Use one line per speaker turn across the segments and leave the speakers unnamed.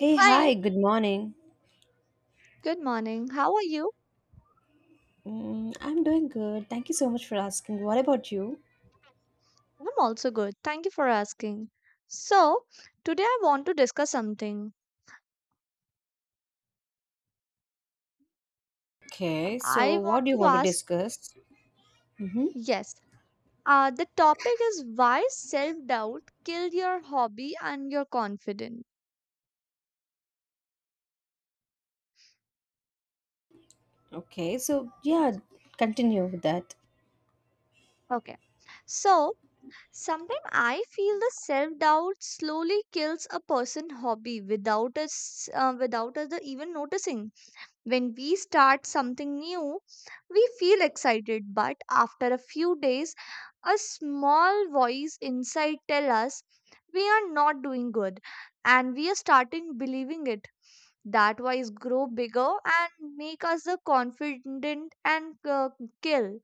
Hey,
Hi,
hi, good morning.
good morning. How are you?
I'm doing good. Thank you so much for asking. What about you?
I'm also good. Thank you for asking. So, Today I want to discuss something.
Okay, so
I
what
want
do you
to
want to
ask,
discuss? Mm-hmm.
yes, the topic is why self-doubt kill your hobby and your confidence.
Okay, so yeah, continue with that.
Okay. So, Sometimes I feel the self-doubt slowly kills a person' hobby without us the even noticing. When we start something new, we feel excited, but after a few days, a small voice inside tell us we are not doing good and we are starting believing it. That voice grow bigger and make us the confident and kill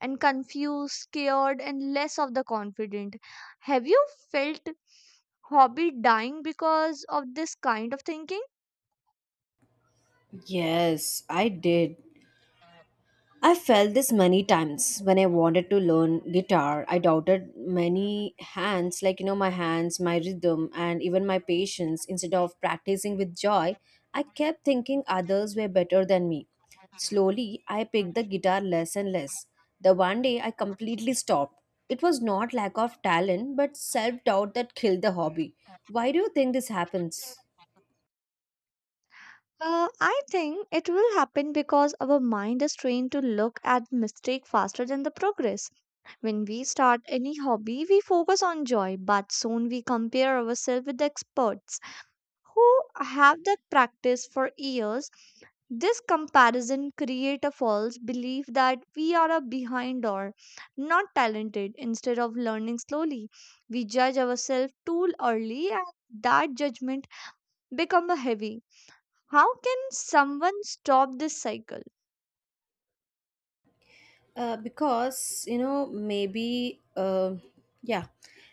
and confused, scared and less of the confident. Have you felt hobby dying because of this kind of thinking?
Yes, I did. I felt this many times when I wanted to learn guitar. I doubted many hands, my hands, my rhythm, and even my patience. Instead of practicing with joy, I kept thinking others were better than me. Slowly, I picked the guitar less and less. The one day I completely stopped. It was not lack of talent, but self doubt that killed the hobby. Why do you think this happens?
I think it will happen because our mind is trained to look at mistake faster than the progress. When we start any hobby, we focus on joy, but soon we compare ourselves with the experts who have that practice for years. This comparison create a false belief that we are a behind or not talented instead of learning slowly. We judge ourselves too early and that judgment become a heavy. How can someone stop this cycle?
Because you know maybe Yeah,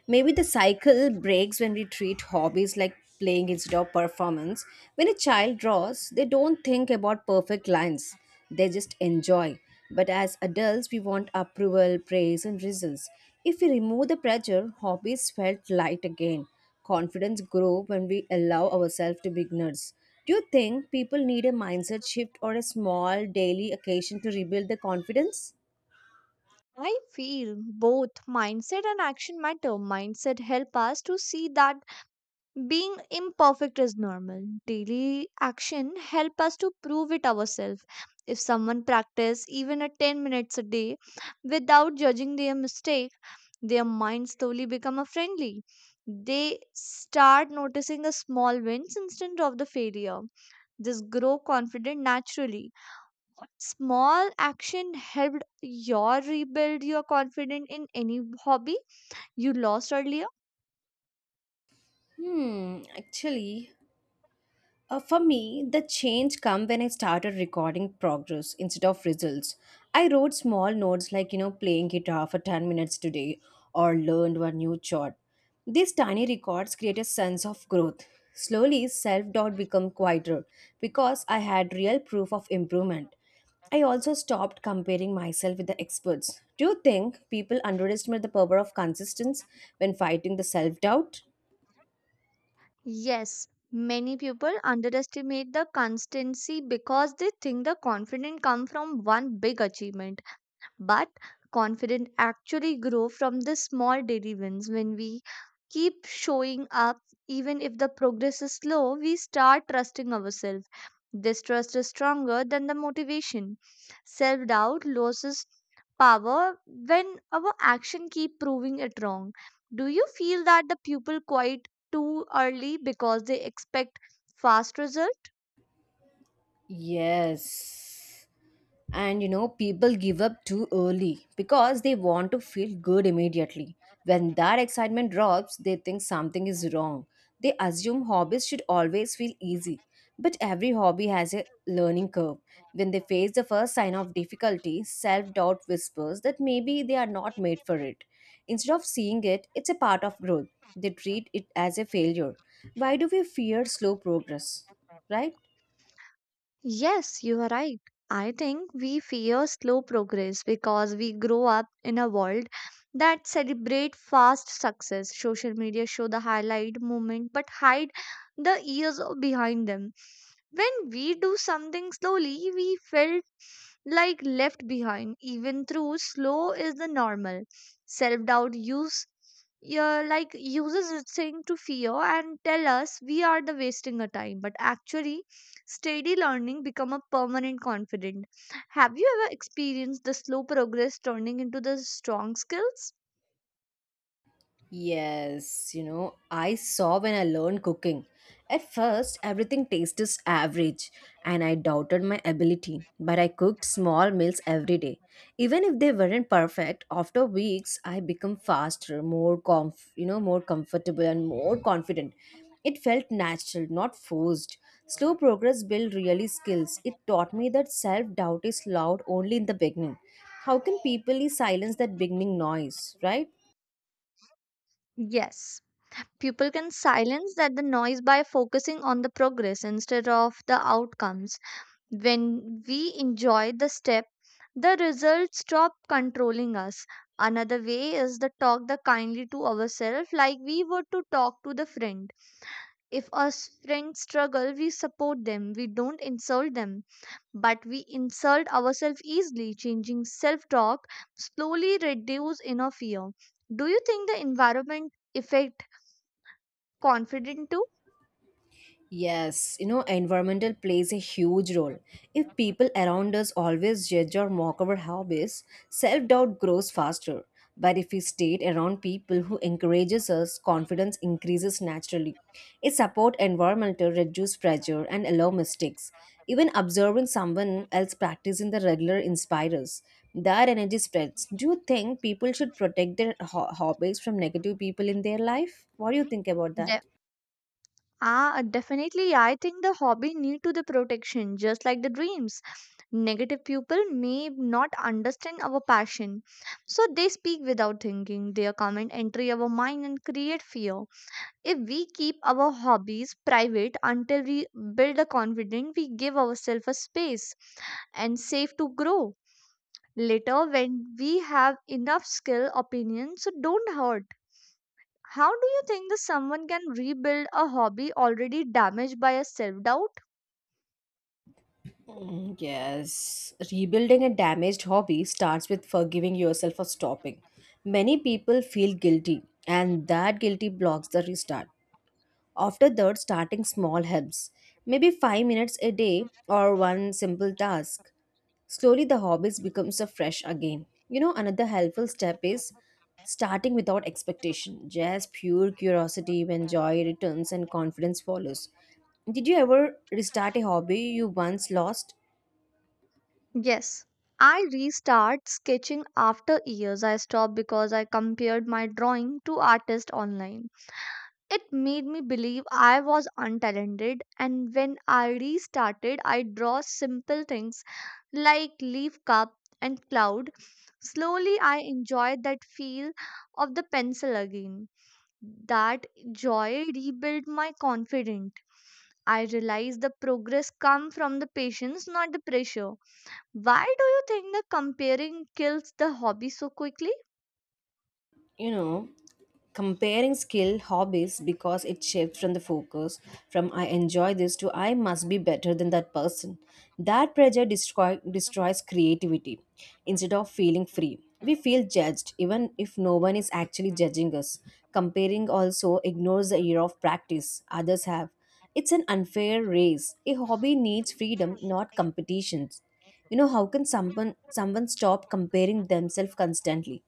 maybe the cycle breaks when we treat hobbies like playing instead of performance. When a child draws, they don't think about perfect lines, they just enjoy. But as adults, we want approval, praise and results. If we remove the pressure, hobbies felt light again. Confidence grow when we allow ourselves to be beginners. Do you think people need a mindset shift or a small daily occasion to rebuild their confidence?
I feel both mindset and action matter. Mindset help us to see that being imperfect is normal. Daily action help us to prove it ourselves. If someone practice even a 10 minutes a day without judging their mistake, their mind slowly become a friendly. They start noticing the small wins instead of the failure. This grow confident naturally. Small action helped your rebuild your confidence in any hobby you lost earlier.
Actually, for me, the change come when I started recording progress instead of results. I wrote small notes like, playing guitar for 10 minutes today or learned one new chord. These tiny records create a sense of growth. Slowly, self-doubt become quieter because I had real proof of improvement. I also stopped comparing myself with the experts. Do you think people underestimate the power of consistency when fighting the self-doubt?
Yes, many people underestimate the constancy because they think the confidence come from one big achievement. But confidence actually grow from the small daily wins. When we keep showing up, even if the progress is slow, we start trusting ourselves. This trust is stronger than the motivation. Self doubt loses power when our action keep proving it wrong. Do you feel that the pupil quite too early because they expect fast result?
Yes. And people give up too early because they want to feel good immediately. When that excitement drops, they think something is wrong. They assume hobbies should always feel easy. But every hobby has a learning curve. When they face the first sign of difficulty, self doubt whispers that maybe they are not made for it. Instead of seeing it, it's a part of growth. They treat it as a failure. Why do we fear slow progress, right?
Yes, you are right. I think we fear slow progress because we grow up in a world that celebrate fast success. Social media show the highlight moment but hide the years of behind them. When we do something slowly, we feel like left behind, even through slow is the normal. Self doubt use, uses its thing to fear and tell us we are the wasting our time, but actually steady learning become a permanent confident. Have you ever experienced the slow progress turning into the strong skills?
Yes, I saw when I learned cooking. At first, everything tasted average and I doubted my ability, but I cooked small meals every day. Even if they weren't perfect, after weeks I become faster, more comfortable and more confident. It felt natural, not forced. Slow progress built really skills. It taught me that self-doubt is loud only in the beginning. How can people silence that beginning noise, right?
Yes, people can silence that the noise by focusing on the progress instead of the outcomes. When we enjoy the step, the results stop controlling us. Another way is the talk the kindly to ourselves like we were to talk to the friend. If a s- friend struggle, we support them. We don't insult them, but we insult ourselves easily. Changing self-talk slowly reduce inner fear. Do you think the environment affect confidence too?
Yes, environmental plays a huge role. If people around us always judge or mock our hobbies, self-doubt grows faster. But if we stay around people who encourages us, confidence increases naturally. A support environmental reduces pressure and allow mistakes. Even observing someone else practicing the regular inspires. Their energy spreads. Do you think people should protect their hobbies from negative people in their life? What do you think about that?
De- Definitely. I think the hobby need to the protection, just like the dreams. Negative people may not understand our passion, so they speak without thinking. Their comment enter our mind and create fear. If we keep our hobbies private until we build a confidence, we give ourselves a space and safe to grow. Later, when we have enough skill, opinions, so don't hurt. How do you think that someone can rebuild a hobby already damaged by a self doubt?
Yes, rebuilding a damaged hobby starts with forgiving yourself for stopping. Many people feel guilty, and that guilty blocks the restart. After that, starting small helps. Maybe 5 minutes a day or one simple task. Slowly, the hobbies becomes a fresh again. Another helpful step is starting without expectation. Just pure curiosity when joy returns and confidence follows. Did you ever restart a hobby you once lost?
Yes, I restart sketching after years I stopped because I compared my drawing to artists online. It made me believe I was untalented, and when I restarted I draw simple things like leaf cup and cloud. Slowly I enjoyed that feel of the pencil again. That joy rebuilt my confidence. I realized the progress come from the patience, not the pressure. Why do you think the comparing kills the hobby so quickly?
You know, comparing skill hobbies because it shifts from the focus from I enjoy this to I must be better than that person. That destroys creativity. Instead of feeling free, we feel judged even if no one is actually judging us. Comparing also ignores the year of practice others have. It's an unfair race. A hobby needs freedom, not competitions. You know, how can someone stop comparing themselves constantly?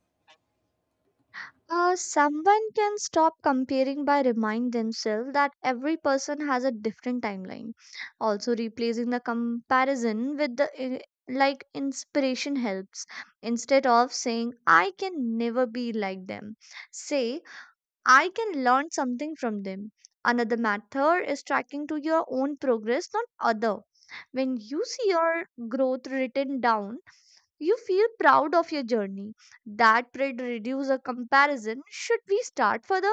Someone can stop comparing by reminding themselves that every person has a different timeline. Also, replacing the comparison with the I- like inspiration helps. Instead of saying, I can never be like them, say, I can learn something from them. Another method is tracking to your own progress, not other. When you see your growth written down, you feel proud of your journey. That pride reduce a comparison. Should we start further?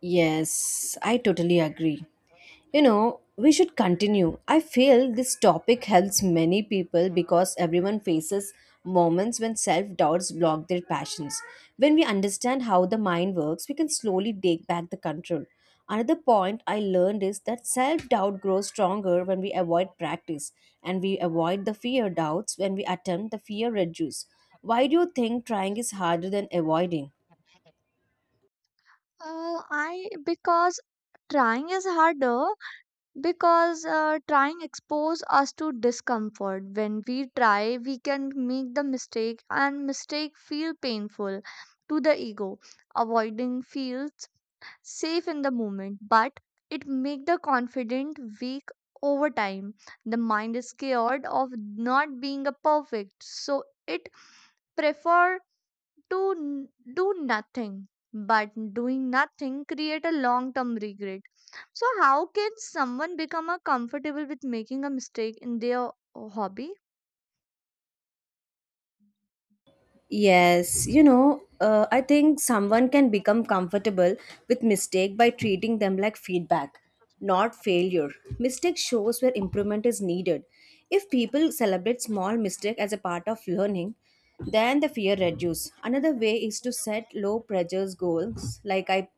Yes, I totally agree. We should continue. I feel this topic helps many people because everyone faces moments when self doubts block their passions. When we understand how the mind works, we can slowly take back the control. Another point I learned is that self doubt grows stronger when we avoid practice, and we avoid the fear doubts when we attempt the fear reduce. Why do you think trying is harder than avoiding?
I because trying is harder because trying expose us to discomfort. When we try we can make the mistake and mistake feel painful to the ego. Avoiding feels safe in the moment, but it make the confident weak over time. The mind is scared of not being a perfect, so it prefer to n- do nothing, but doing nothing create a long term regret. So how can someone become a comfortable with making a mistake in their hobby?
Yes, I think someone can become comfortable with mistake by treating them like feedback, not failure. Mistake shows where improvement is needed. If people celebrate small mistake as a part of learning, then the fear reduce. Another way is to set low pressures goals like I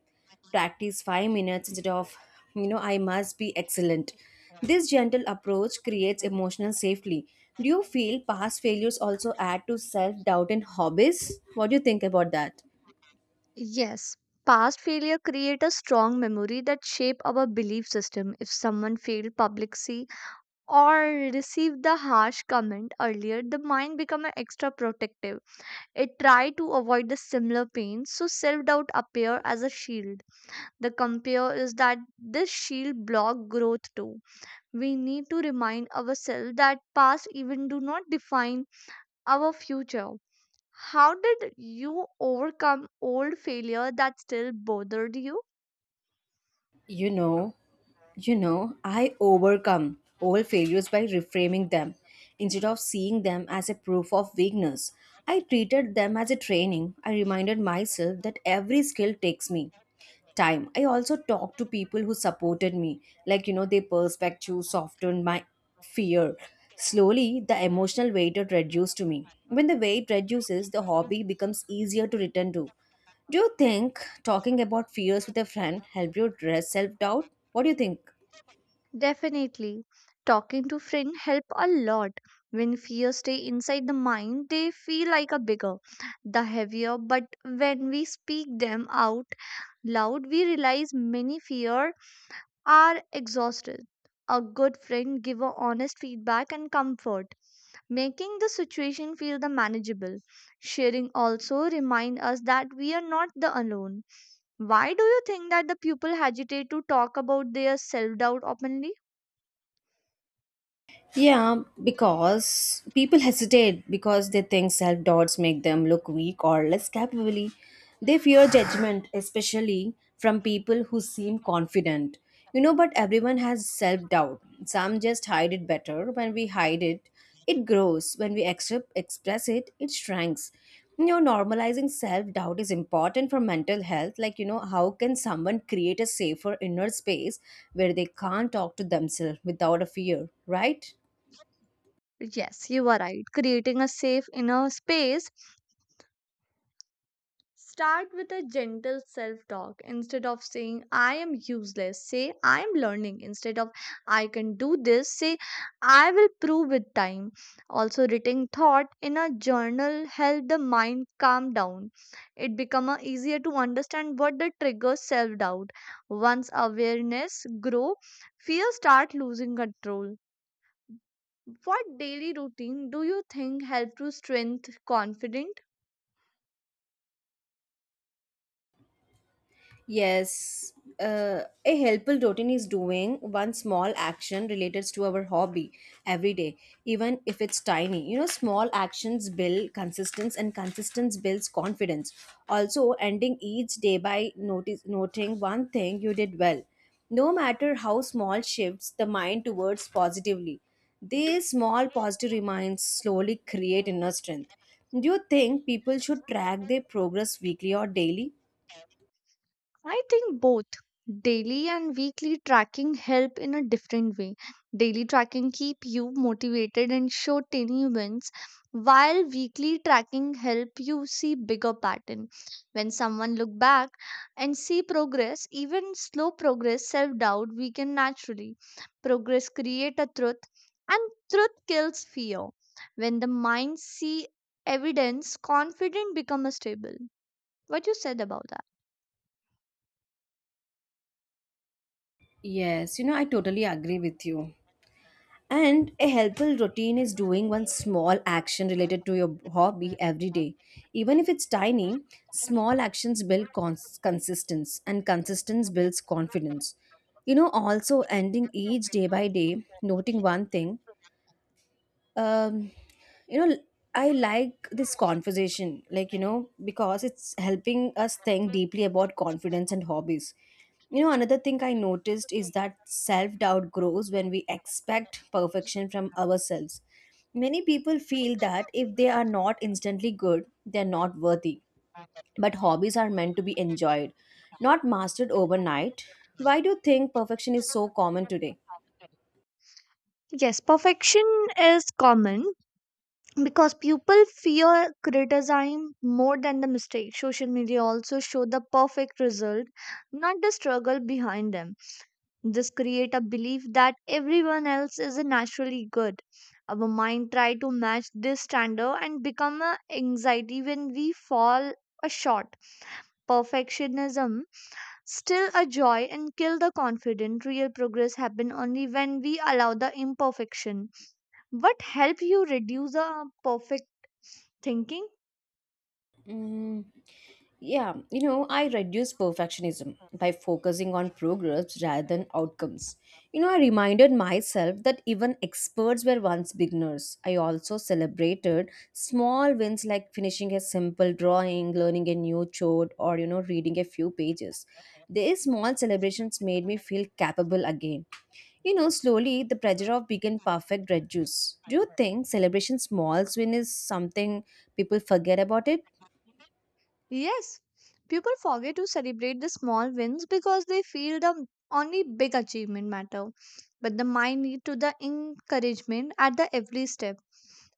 practice 5 minutes instead of I must be excellent. This gentle approach creates emotional safety. Do you feel past failures also add to self doubt in hobbies? What do you think about that?
Yes, past failure create a strong memory that shape our belief system. If someone failed publicly or receive the harsh comment earlier, the mind become extra protective. It try to avoid the similar pain, so self-doubt appear as a shield. The compare is that this shield block growth too. We need to remind ourselves that past even do not define our future. How did you overcome old failure that still bothered you?
You know you know I overcome all failures by reframing them. Instead of seeing them as a proof of weakness, I treated them as a training. I reminded myself that every skill takes me time. I also talked to people who supported me. Like, their perspective softened my fear. Slowly, the emotional weight had reduced to me. When the weight reduces, the hobby becomes easier to return to. Do you think talking about fears with a friend helped you address self doubt? What do you think?
Definitely. Talking to friend help a lot. When fears stay inside the mind, they feel like a bigger, the heavier. But when we speak them out loud, we realize many fear are exhausted. A good friend give a honest feedback and comfort, making the situation feel the manageable. Sharing also remind us that we are not the alone. Why do you think that the people hesitate to talk about their self doubt openly?
Yeah, because people hesitate because they think self doubts make them look weak or less capable. They fear judgment, especially from people who seem confident. But everyone has self doubt. Some just hide it better. When we hide it, it grows. When we accept, express it, it shrinks. Normalizing self doubt is important for mental health. How can someone create a safer inner space where they can't talk to themselves without a fear, right?
Yes, you are right. Creating a safe inner space. Start with a gentle self talk. Instead of saying, I am useless, say, I am learning. Instead of, I can do this, say, I will prove with time. Also, writing thought in a journal help the mind calm down. It become a easier to understand what the triggers self doubt. Once awareness grow, fear start losing control. What daily routine do you think help to strengthen confidence?
Yes, a helpful routine is doing one small action related to our hobby every day, even if it's tiny. Small actions build consistency, and consistency builds confidence. Also, ending each day by notice, noting one thing you did well, no matter how small, shifts the mind towards positively. These small positive reminds slowly create inner strength. Do you think people should track their progress weekly or daily?
I think both daily and weekly tracking help in a different way. Daily tracking keep you motivated and show tiny wins, while weekly tracking help you see bigger pattern. When someone look back and see progress, even slow progress, self-doubt weaken naturally. Progress create a truth and truth kills fear. When the mind see evidence, confident become stable. What you said about that?
Yes, I totally agree with you. And a helpful routine is doing one small action related to your hobby every day. Even if it's tiny, small actions build consistency, and consistency builds confidence. Also ending each day by day, noting one thing, um you know I like this conversation, because it's helping us think deeply about confidence and hobbies. Another thing I noticed is that self doubt grows when we expect perfection from ourselves. Many people feel that if they are not instantly good, they're not worthy. But hobbies are meant to be enjoyed, not mastered overnight. Why do you think perfection is so common today?
Yes, perfection is common because people fear criticism more than the mistake. Social media also show the perfect result, not the struggle behind them. This create a belief that everyone else is naturally good. Our mind try to match this standard and become a anxiety when we fall a short. Perfectionism still a joy and kill the confident. Real progress happen only when we allow the imperfection. What help you reduce a perfect thinking?
Mm. Yeah, I reduce perfectionism by focusing on progress rather than outcomes. I reminded myself that even experts were once beginners. I also celebrated small wins like finishing a simple drawing, learning a new chore, or, reading a few pages. These small celebrations made me feel capable again. Slowly the pressure of being perfect reduces. Do you think celebration small win is something people forget about it?
Yes, people forget to celebrate the small wins because they feel the only big achievement matter. But the mind need to the encouragement at the every step.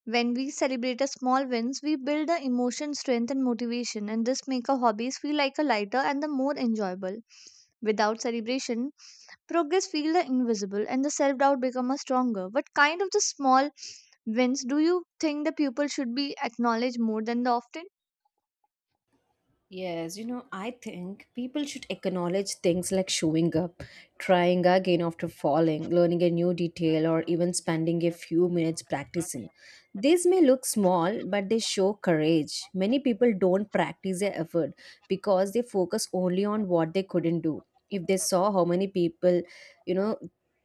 When we celebrate a small wins, we build the emotion, strength, and motivation, and this make our hobbies feel like a lighter and the more enjoyable. Without celebration, progress feel the invisible, and the self doubt become a stronger. What kind of the small wins do you think the pupil should be acknowledged more than the often?
Yes, I think people should acknowledge things like showing up, trying again after falling, learning a new detail, or even spending a few minutes practicing. These may look small, but they show courage. Many people don't practice their effort because they focus only on what they couldn't do. If they saw how many people, you know,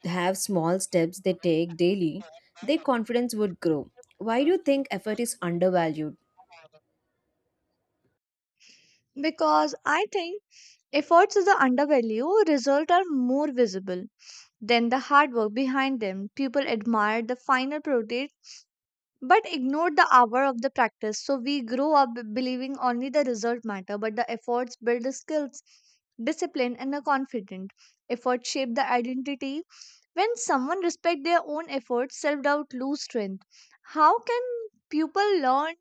have small steps they take daily, their confidence would grow. Why do you think effort is undervalued?
Because I think efforts is the undervalued, results are more visible than the hard work behind them. People admire the final product but ignore the hour of the practice. So we grow up believing only the result matter, but the efforts build the skills, discipline, and the confident. Effort shape the identity. When someone respect their own efforts, self doubt lose strength. How can people learn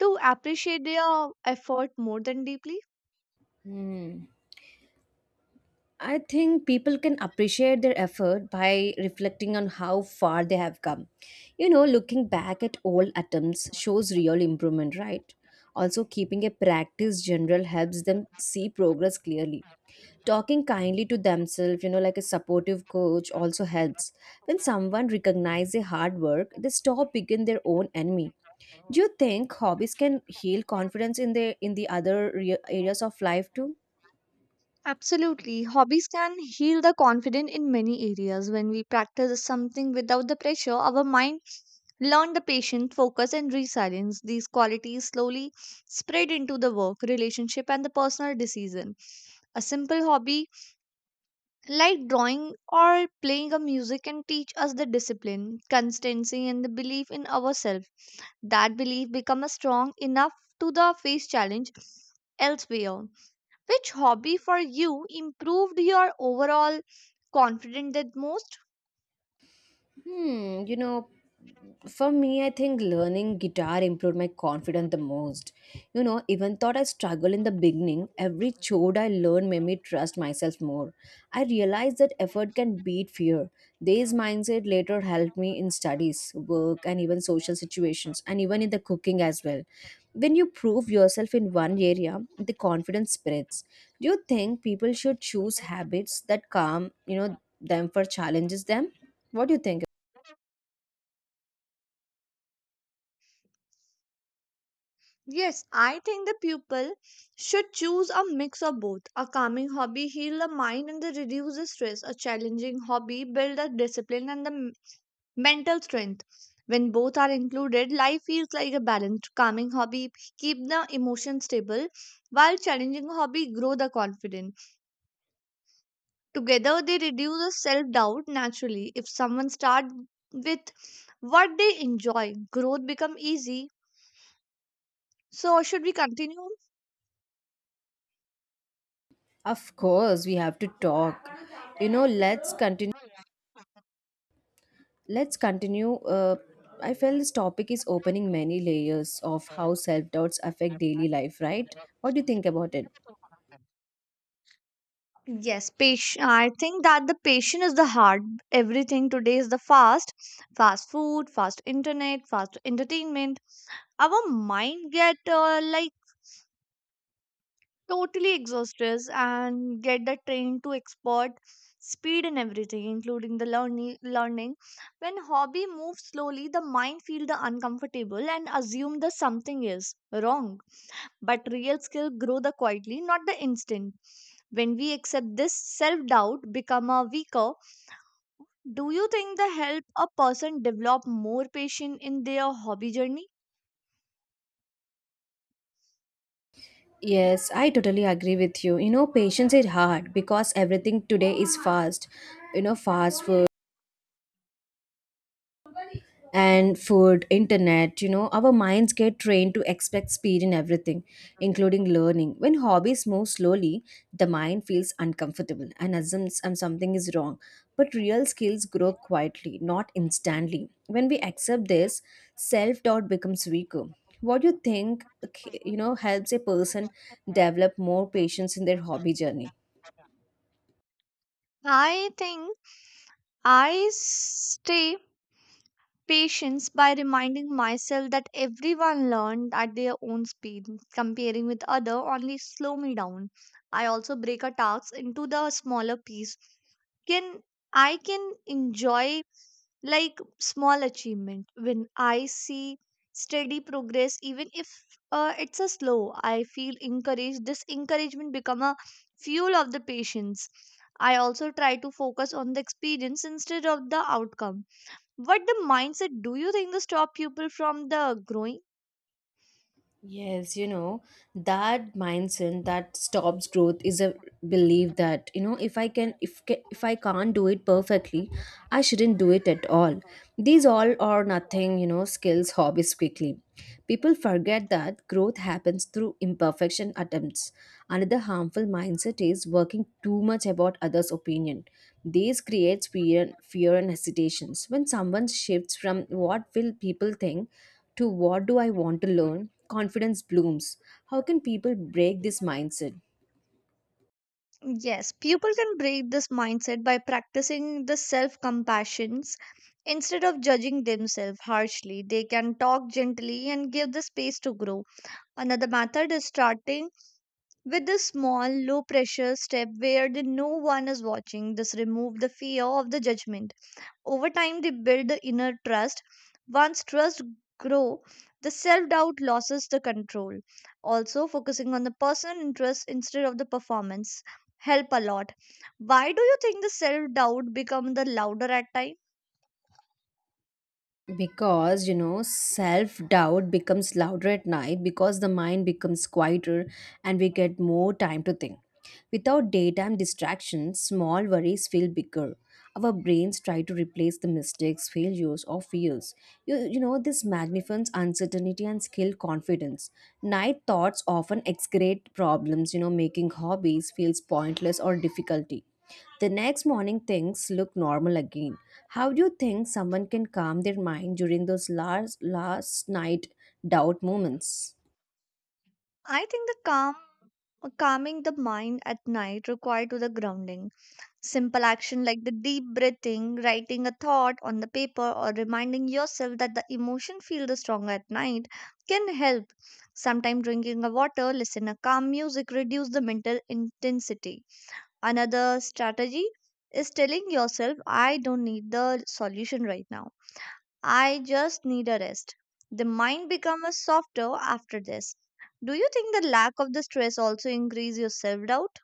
to appreciate their effort more than deeply?
Hmm. I think people can appreciate their effort by reflecting on how far they have come. Looking back at old attempts shows real improvement, right? Also, keeping a practice general helps them see progress clearly. Talking kindly to themselves, like a supportive coach also helps. When someone recognizes their hard work, they stop being their own enemy. Do you think hobbies can heal confidence in the other areas of life too?
Absolutely. Hobbies can heal the confidence in many areas. When we practice something without the pressure, our mind learn the patience, focus, and resilience. These qualities slowly spread into the work, relationship, and the personal decision. A simple hobby like drawing or playing a music can teach us the discipline, constancy, and the belief in ourselves. That belief becomes strong enough to the face challenge elsewhere. Which hobby for you improved your overall confidence the most?
Hmm, you know, for me, I think learning guitar improved my confidence the most. Even though I struggled in the beginning, every chord I learned made me trust myself more. I realized that effort can beat fear. This mindset later helped me in studies, work, and even social situations, and even in the cooking as well. When you prove yourself in one area, the confidence spreads. Do you think people should choose habits that calm, them for challenges them? What do you think?
Yes, I think the pupil should choose a mix of both. A calming hobby heal the mind and the reduce the stress. A challenging hobby build the discipline and mental strength. When both are included, life feels like a balanced. Calming hobby keep the emotion stable, while challenging hobby grow the confidence. Together, they reduce the self doubt naturally. If someone starts with what they enjoy, growth become easy. So, should we continue?
Of course, we have to talk. Let's continue. Let's continue. I feel this topic is opening many layers of how self doubts affect daily life, right? What do you think about it?
Yes, patient. I think that the patient is the heart. Everything today is the fast, fast food, fast internet, fast entertainment. Our mind get like totally exhausted and get the train to export speed and everything including the learning. When hobby moves slowly, the mind feel the uncomfortable and assume that something is wrong, but real skill grow the quietly, not the instant. When we accept this, self doubt become a weaker. Do you think the help a person develop more patience in their hobby journey?
Yes, I totally agree with you. You know, patience is hard because everything today is fast. You know, fast food and food, internet, our minds get trained to expect speed in everything, including learning. When hobbies move slowly, the mind feels uncomfortable and assumes something is wrong. But real skills grow quietly, not instantly. When we accept this, self doubt becomes weaker. What do you think, okay, helps a person develop more patience in their hobby journey?
I think i stay patience by reminding myself that everyone learned at their own speed. Comparing with other only slow me down. I also break a task into the smaller piece. Can I can enjoy like small achievement when I see steady progress even if it's a slow. I feel encouraged. This encouragement become a fuel of the patience. I also try to focus on the experience instead of the outcome. What the mindset do you think stop people from the growing?
Yes, you know, that mindset that stops growth is a belief that if I can't do it perfectly, I shouldn't do it at all. These all or nothing, skills hobbies quickly. People forget that growth happens through imperfection attempts. Another harmful mindset is working too much about others' opinion. This creates fear, fear and hesitations. When someone shifts from what will people think to what do I want to learn, confidence blooms. How can people break this mindset?
Yes, people can break this mindset by practicing the self compassions. Instead of judging themselves harshly, they can talk gently and give the space to grow. Another method is starting with a small, low pressure step where the no one is watching. This remove the fear of the judgment. Over time, they build the inner trust. Once trust grow, the self-doubt loses the control. Also, focusing on the personal interest instead of the performance help a lot. Why do you think the self-doubt become the louder at time?
Because you know self doubt becomes louder at night because the mind becomes quieter and we get more time to think without daytime distractions, small worries feel bigger. Our brains try to replace the mistakes, failures or fears. You know this magnifies uncertainty and skill confidence. Night thoughts often excrete problems, you know, making hobbies feels pointless or difficulty. The next morning, things look normal again. How do you think someone can calm their mind during those last night doubt moments?
I think the calming the mind at night required to the grounding. Simple action like the deep breathing, writing a thought on the paper, or reminding yourself that the emotion feel the stronger at night can help. Sometimes drinking a water, listen a calm music, reduce the mental intensity. Another strategy is telling yourself, I don't need the solution right now. I just need a rest. The mind becomes softer after this. Do you think the lack of the stress also increase your self doubt?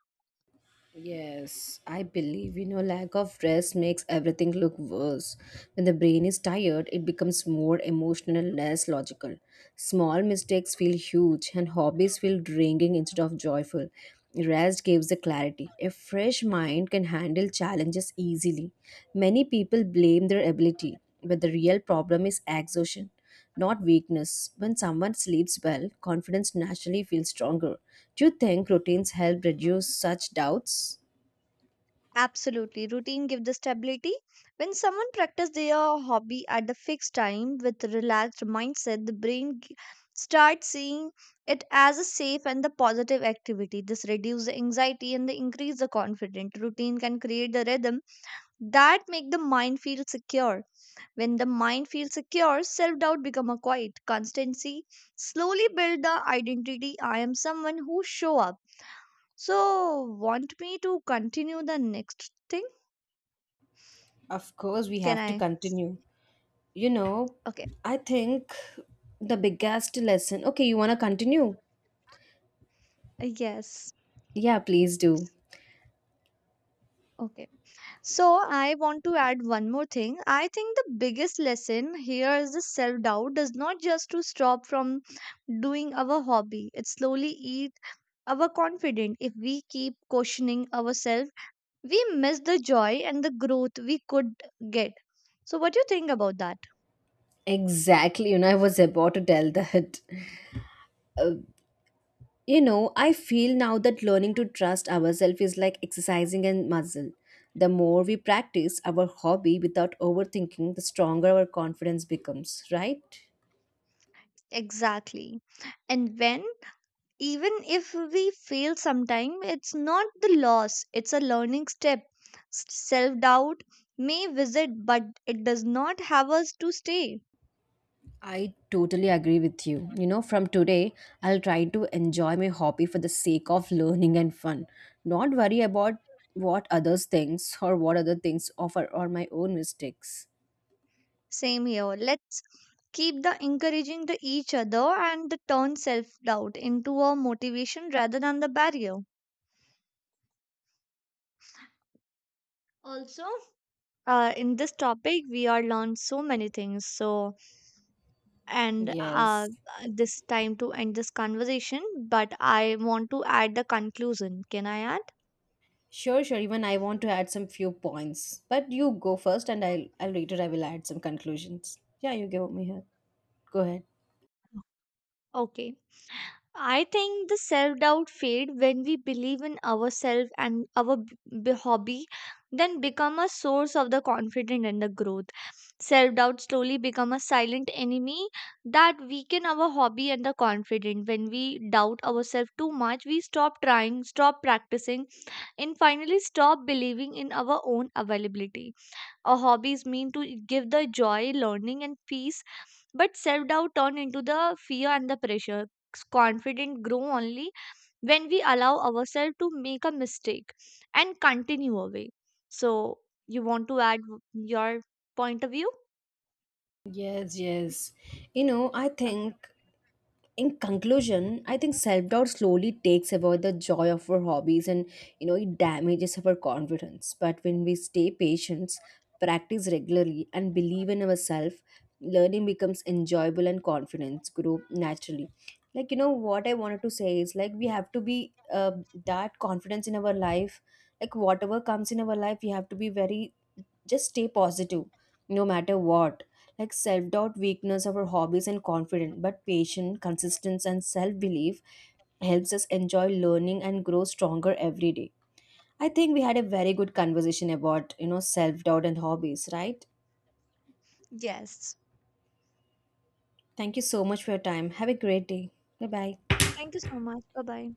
Yes, I believe you know lack of rest makes everything look worse. When the brain is tired, it becomes more emotional and less logical. Small mistakes feel huge and hobbies feel draining instead of joyful. Rest gives the clarity. A fresh mind can handle challenges easily. Many people blame their ability, but the real problem is exhaustion not weakness. When someone sleeps well, confidence naturally feels stronger. Do you think routines help reduce such doubts?
Absolutely. Routine give the stability. When someone practice their hobby at the fixed time with relaxed mindset, the starts seeing it as a safe and the positive activity. This reduce the anxiety and the increase the confidence. Routine can create the rhythm that make the mind feel secure. When the mind feels secure, self-doubt become a quiet. Constancy slowly build the identity. I am someone who show up. So want me to continue the next thing?
Of course, we
Can
have to
I?
continue. You know,
Okay.
I think the biggest lesson. Okay, you want to continue?
Yes
Yeah, please do.
Okay. So I want to add one more thing. I think the biggest lesson here is the self doubt does not just to stop from doing our hobby. It slowly eat our confidence. If we keep questioning ourselves, we miss the joy and the growth we could get. So what do you think about that?
Exactly. You know, I was about to tell that. You know, I feel now that learning to trust ourselves is like exercising a muscle. The more we practice our hobby without overthinking, the stronger our confidence becomes, right?
Exactly. And when even if we fail sometime, it's not the loss, it's a learning step. Self doubt may visit, but it does not have us to stay.
I totally agree with you. You know, from today, I'll try to enjoy my hobby for the sake of learning and fun, not worry about what others thinks or what other things offer or my own mistakes.
Same here. Let's keep the encouraging to each other and the turn self doubt into a motivation rather than the barrier. Also, in this topic we are learned so many things, so and
Yes,
this time to end this conversation, but I want to add the conclusion, can I add?
sure, sure. Even I want to add some few points, but you go first, and I will add some conclusions. Yeah, you give me here. Go ahead.
Okay. I think the self doubt fade when we believe in ourselves and our hobby, then become a source of the confidence and the growth. Self doubt slowly become a silent enemy that weaken our hobby and the confidence. When we doubt ourselves too much, we stop trying, stop practicing, and finally stop believing in our own availability. Our hobbies mean to give the joy learning and peace, but self-doubt turn into the fear and the pressure. Confident grow only when we allow ourselves to make a mistake and continue away. So you want to add your point of view.
Yes, yes. You know, I
Okay.
think in conclusion, I think self doubt slowly takes away the joy of our hobbies and you know it damages our confidence. But when we stay patient, practice regularly, and believe in ourselves, learning becomes enjoyable and confidence grow naturally. Like you know what I wanted to say is like we have to be that confidence in our life. Like whatever comes in our life, we have to be very just stay positive, no matter what, like self-doubt weakness of our hobbies and confident but patient consistency and self-belief helps us enjoy learning and grow stronger every day. I think we had a very good conversation about, you know, self-doubt and hobbies, right?
Yes.
Thank you so much for your time. Have a great day. Bye bye.
Thank you so much. Bye bye.